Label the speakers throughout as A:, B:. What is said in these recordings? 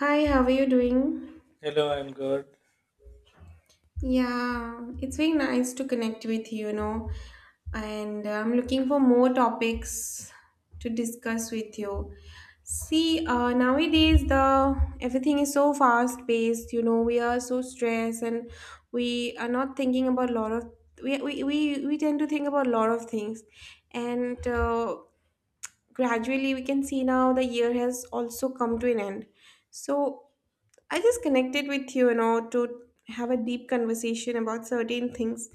A: Hi, how are you doing?
B: Hello, I'm good.
A: Yeah, it's been nice to connect with you, and I'm looking for more topics to discuss with you. See, nowadays the everything is so fast paced, we are so stressed, and we are not thinking about a lot of we tend to think about a lot of things, and gradually we can see now the year has also come to an end. So I just connected with you, to have a deep conversation about certain things.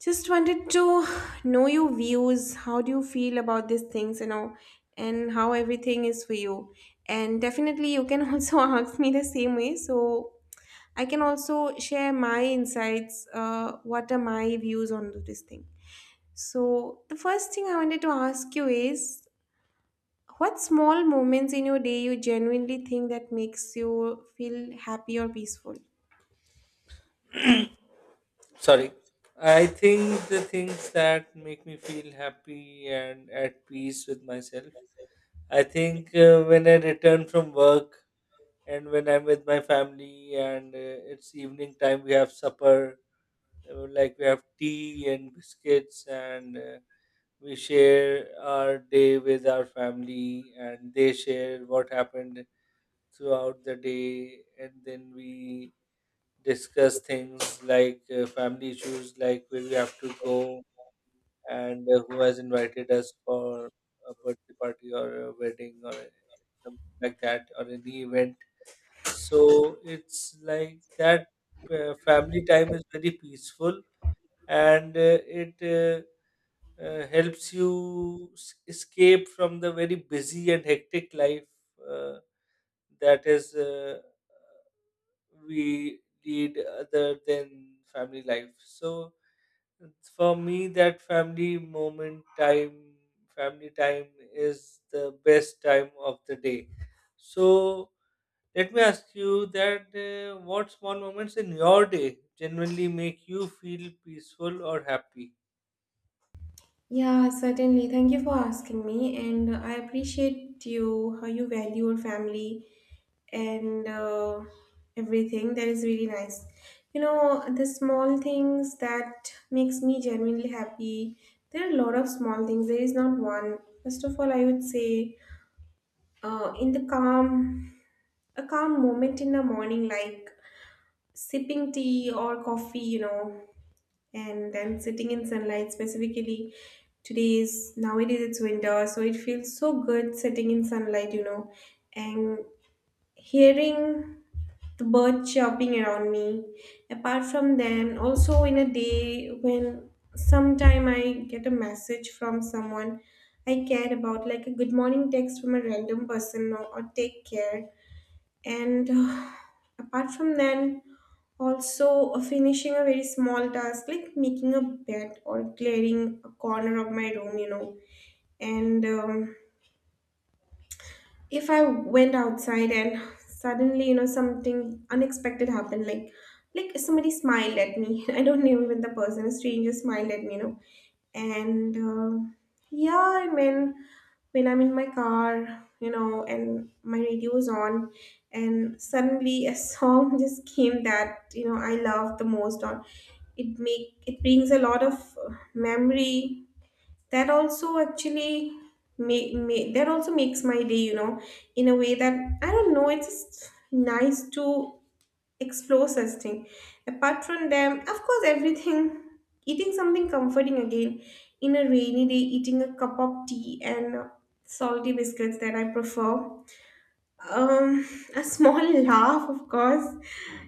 A: Just wanted to know your views. How do you feel about these things, and how everything is for you? And definitely, you can also ask me the same way. So I can also share my insights. What are my views on this thing? So the first thing I wanted to ask you is, what small moments in your day you genuinely think that makes you feel happy or peaceful?
B: Sorry. I think the things that make me feel happy and at peace with myself. I think when I return from work and when I'm with my family and it's evening time, we have supper, like we have tea and biscuits, and we share our day with our family, and they share what happened throughout the day, and then we discuss things like family issues, like where we have to go and who has invited us for a birthday party or a wedding or something like that or any event. So it's like that family time is very peaceful and it helps you escape from the very busy and hectic life uh, that is. We lead other than family life. So for me, that family moment time, family time is the best time of the day. So let me ask you that what small moments in your day generally make you feel peaceful or happy?
A: Yeah, certainly. Thank you for asking me, and I appreciate you how you value your family and everything. That is really nice. You know, the small things that makes me genuinely happy. There are a lot of small things. There is not one. First of all, I would say, uh, in the calm, a calm moment in the morning, like sipping tea or coffee. You know, and then sitting in sunlight specifically today's nowadays. It's winter, so it feels so good sitting in sunlight, and hearing the birds chirping around me. Apart from then, also in a day when sometime I get a message from someone I care about, like a good morning text from a random person, or take care. And apart from then, also, finishing a very small task, like making a bed or clearing a corner of my room, and if I went outside and suddenly, something unexpected happened, like somebody smiled at me. I don't know even the person, a stranger smiled at me. And yeah, I mean, when I'm in my car, and my radio is on, and suddenly a song just came that you know I love the most. On it make it brings a lot of memory. That also actually make, make that also makes my day, in a way that I don't know. It's just nice to explore such thing. Apart from them, of course, everything eating something comforting, again in a rainy day, eating a cup of tea and salty biscuits that I prefer. Um a small laugh, of course,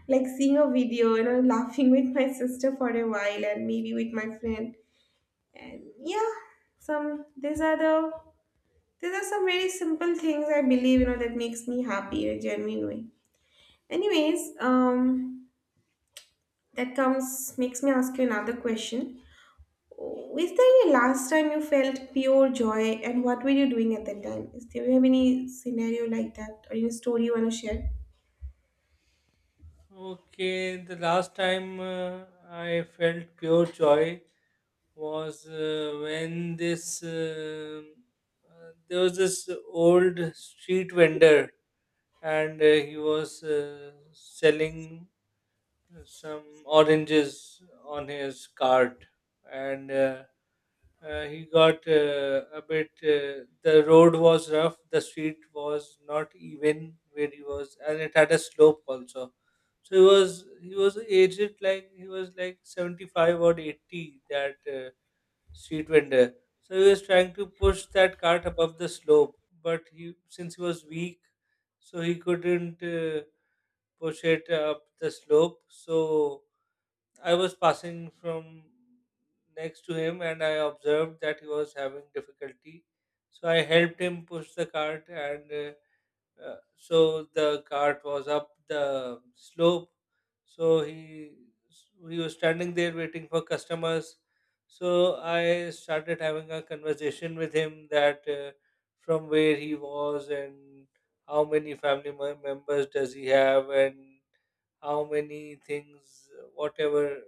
A: like seeing a video, laughing with my sister for a while and maybe with my friend. And yeah, some these are the these are some very simple things I believe, that makes me happy, genuinely. Anyways, that comes makes me ask you another question. Is there any last time you felt pure joy and what were you doing at that time? Is there do you have any scenario like that or any story you want to share?
B: Okay, the last time I felt pure joy was when this there was this old street vendor and he was selling some oranges on his cart and he got a bit the road was rough. The street was not even where he was and it had a slope also. So he was aged, like he was like 75 or 80, that street vendor. So he was trying to push that cart above the slope, but he since he was weak, so he couldn't push it up the slope. So I was passing from next to him, and I observed that he was having difficulty. So I helped him push the cart, and so the cart was up the slope. So he was standing there waiting for customers. So I started having a conversation with him that from where he was and how many members does he have and how many things, whatever,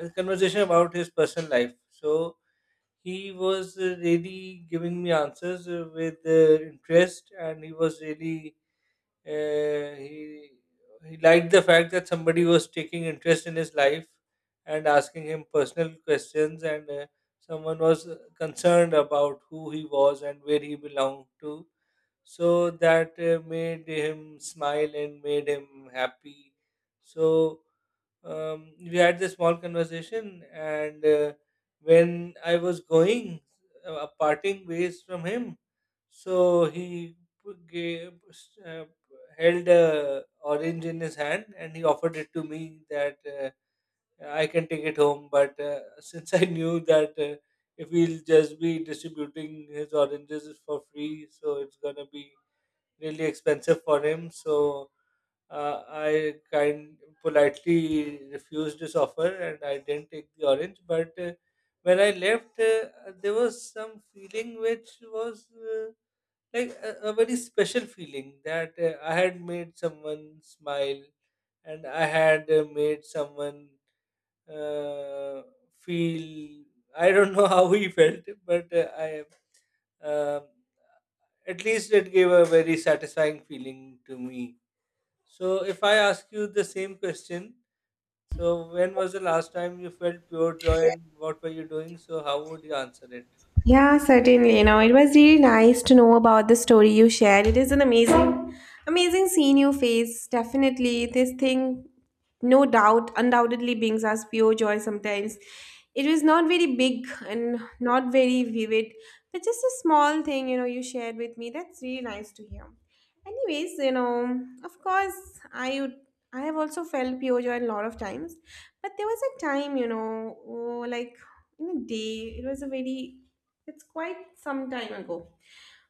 B: a conversation about his personal life. So he was really giving me answers with interest, and he was really uh, he he liked the fact that somebody was taking interest in his life and asking him personal questions and someone was concerned about who he was and where he belonged to, so that made him smile and made him happy. So we had this small conversation, and when I was going, parting ways from him, so gave, uh, held a orange in his hand and he offered it to me that I can take it home. But since I knew that if we'll just be distributing his oranges for free, so it's gonna be really expensive for him. So I kind politely refused his offer and I didn't take the orange. But when I left, there was some feeling which was like a very special feeling that I had made someone smile and I had made someone uh, feel. I don't know how he felt, but I. Um, at least it gave a very satisfying feeling to me. So, if I ask you the same question, so when was the last time you felt pure joy and what were you doing? So, how would you answer it?
A: Yeah, certainly. You know, it was really nice to know about the story you shared. It is an amazing, amazing scene you face. Definitely, this thing, no doubt, undoubtedly brings us pure joy sometimes. It was not very big and not very vivid, but just a small thing, you shared with me. That's really nice to hear. Anyways, of course, I would. I have also felt pure joy a lot of times, but there was a time, oh, like in a day, it was a very it's quite some time ago.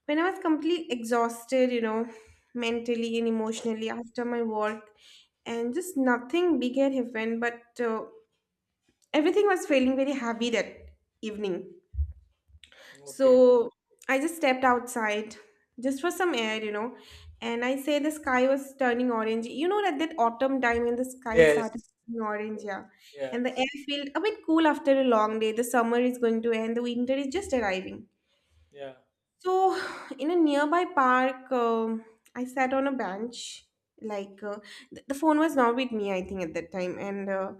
A: When I was completely exhausted, mentally and emotionally after my work, and just nothing big had happened, but everything was feeling very heavy that evening.
B: Okay.
A: So I just stepped outside just for some air, and I say the sky was turning orange. You know, that autumn time when the sky
B: Yes.
A: started turning orange, yeah,
B: Yeah.
A: and the air felt a bit cool after a long day. The summer is going to end, the winter is just arriving.
B: Yeah.
A: So, in a nearby park, I sat on a bench. Like, the phone was not with me, I think, at that time. And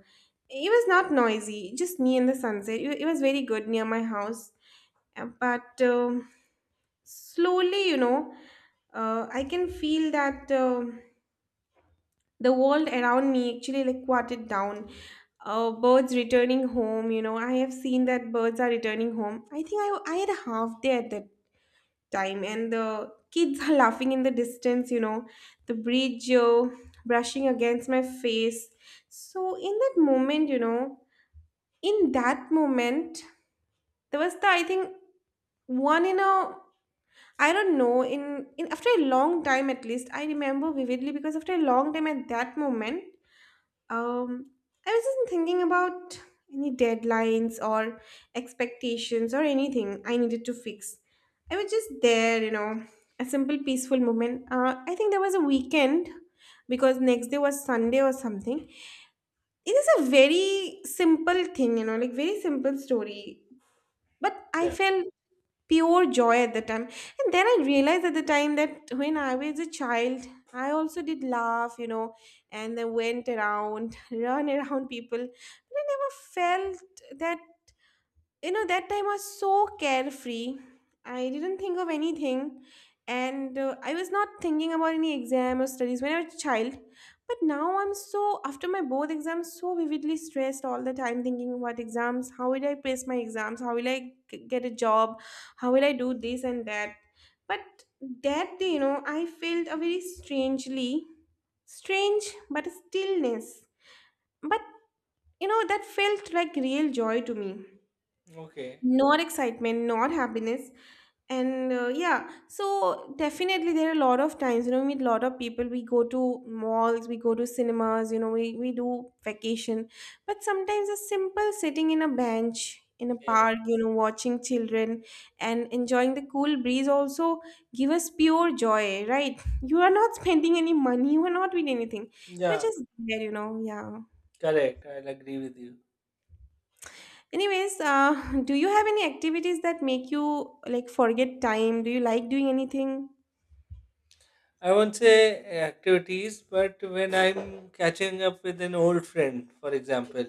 A: it was not noisy, just me and the sunset. It was very good near my house. But slowly, I can feel that the world around me actually like quieted down. Birds returning home, I have seen that birds are returning home. I think I had a half day at that time, and the kids are laughing in the distance, the bridge, brushing against my face. So in that moment, in that moment, there was the I think one in a I don't know, in after a long time. At least I remember vividly, because after a long time at that moment, um, I was just thinking about any deadlines or expectations or anything I needed to fix. I was just there, a simple peaceful moment. I think there was a weekend because next day was Sunday or something. It is a very simple thing, like very simple story. But I
B: Yeah.
A: felt pure joy at the time, and then I realized at the time that when I was a child I also did laugh, and then went around run around people, but I never felt that, that time was so carefree. I didn't think of anything, and I was not thinking about any exam or studies when I was a child. But now I'm so after my both exams, so vividly stressed all the time, thinking about exams. How will I pass my exams? How will I get a job? How will I do this and that? But that day, I felt a very strange but a stillness. But that felt like real joy to me.
B: Okay.
A: Not excitement, not happiness. And yeah, so definitely, there are a lot of times, we meet a lot of people. We go to malls, we go to cinemas, we do vacation. But sometimes a simple sitting in a bench in a
B: Yes.
A: park, watching children and enjoying the cool breeze also give us pure joy, right? You are not spending any money, you are not doing anything. You're
B: Yeah.
A: just there, yeah.
B: Correct. I'll agree with you.
A: Anyways, do you have any activities that make you like forget time? Do you like doing anything?
B: I won't say activities, but when I'm catching up with an old friend, for example,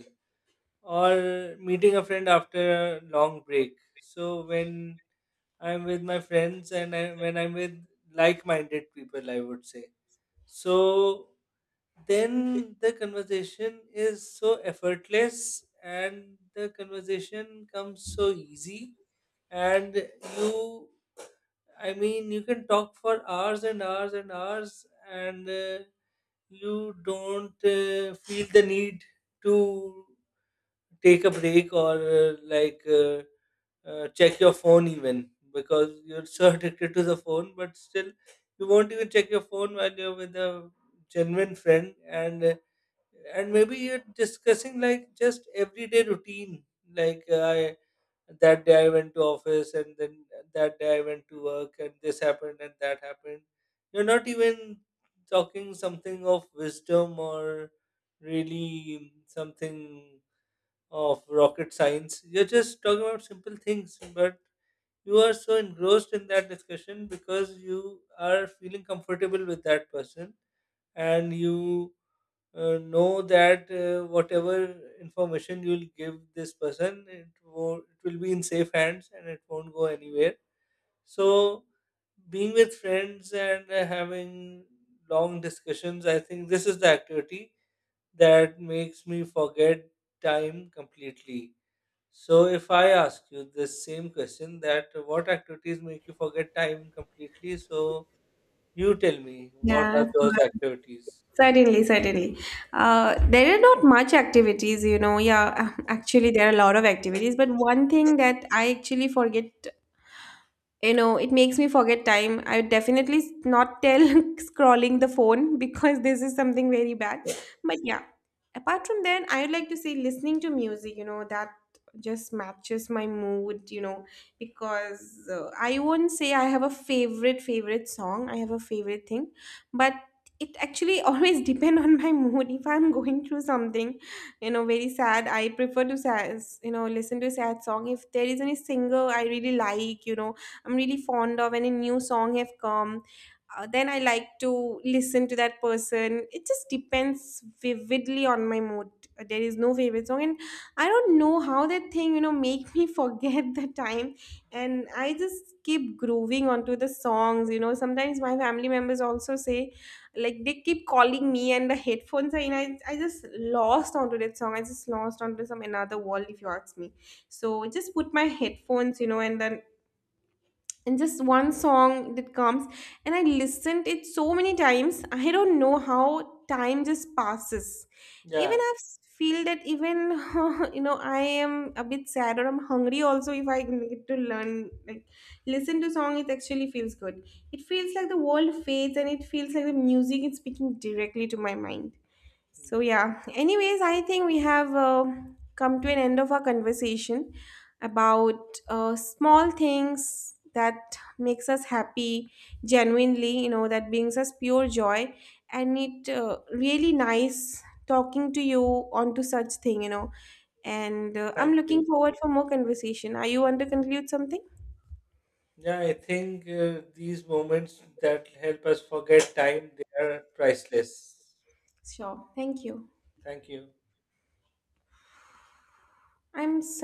B: or meeting a friend after a long break. So, when I'm with my friends when I'm with like minded people, I would say. So then the conversation is so effortless and the conversation comes so easy. And you, I mean, you can talk for hours and hours and hours and you don't feel the need to take a break or check your phone even because you're so addicted to the phone, but still you won't even check your phone while you're with a genuine friend, and maybe you're discussing like just everyday routine like I that day I went to office and then that day I went to work and this happened and that happened. You're not even talking something of wisdom or really something of rocket science. You're just talking about simple things, but you are so engrossed in that discussion because you are feeling comfortable with that person and you know that whatever information you'll give this person, it will be in safe hands and it won't go anywhere. So, being with friends and having long discussions, I think this is the activity that makes me forget time completely. So if I ask you the same question, that what activities make you forget time completely, so you tell me, what
A: Yeah,
B: are
A: of
B: those
A: course.
B: activities?
A: Certainly, certainly. There are not much activities. Yeah, actually, there are a lot of activities, but one thing that I actually forget. You know, it makes me forget time. I would definitely not tell scrolling the phone because this is something very bad. But yeah, apart from that, I would like to say listening to music, that just matches my mood, because I won't say I have a favorite, favorite song. I have a favorite thing, but it actually always depend on my mood. If I'm going through something, very sad, I prefer to sad, listen to a sad song. If there is any singer I really like, I'm really fond of, and a new song have come, then I like to listen to that person. It just depends vividly on my mood. There is no favorite song, and I don't know how that thing make me forget the time, and I just keep grooving onto the songs. You know, sometimes my family members also say, like they keep calling me, and the headphones are in. I just lost onto that song. I just lost onto some another world, if you ask me. So just put my headphones, and then and just one song that comes, and I listened it so many times, I don't know how time just passes.
B: Yeah,
A: Even I feel that even I am a bit sad or I'm hungry, also if I can get to learn, like listen to song, it actually feels good. It feels like the world fades, and it feels like the music is speaking directly to my mind. So,
B: yeah,
A: yeah, anyways, I think we have come to an end of our conversation about small things that makes us happy genuinely, that brings us pure joy. And it really nice talking to you onto such thing, and I'm
B: thank you.
A: looking forward for more conversation. Are you want to conclude something?
B: Yeah, I think these moments that help us forget time, they are priceless.
A: Sure, thank you.
B: Thank you.
A: I'm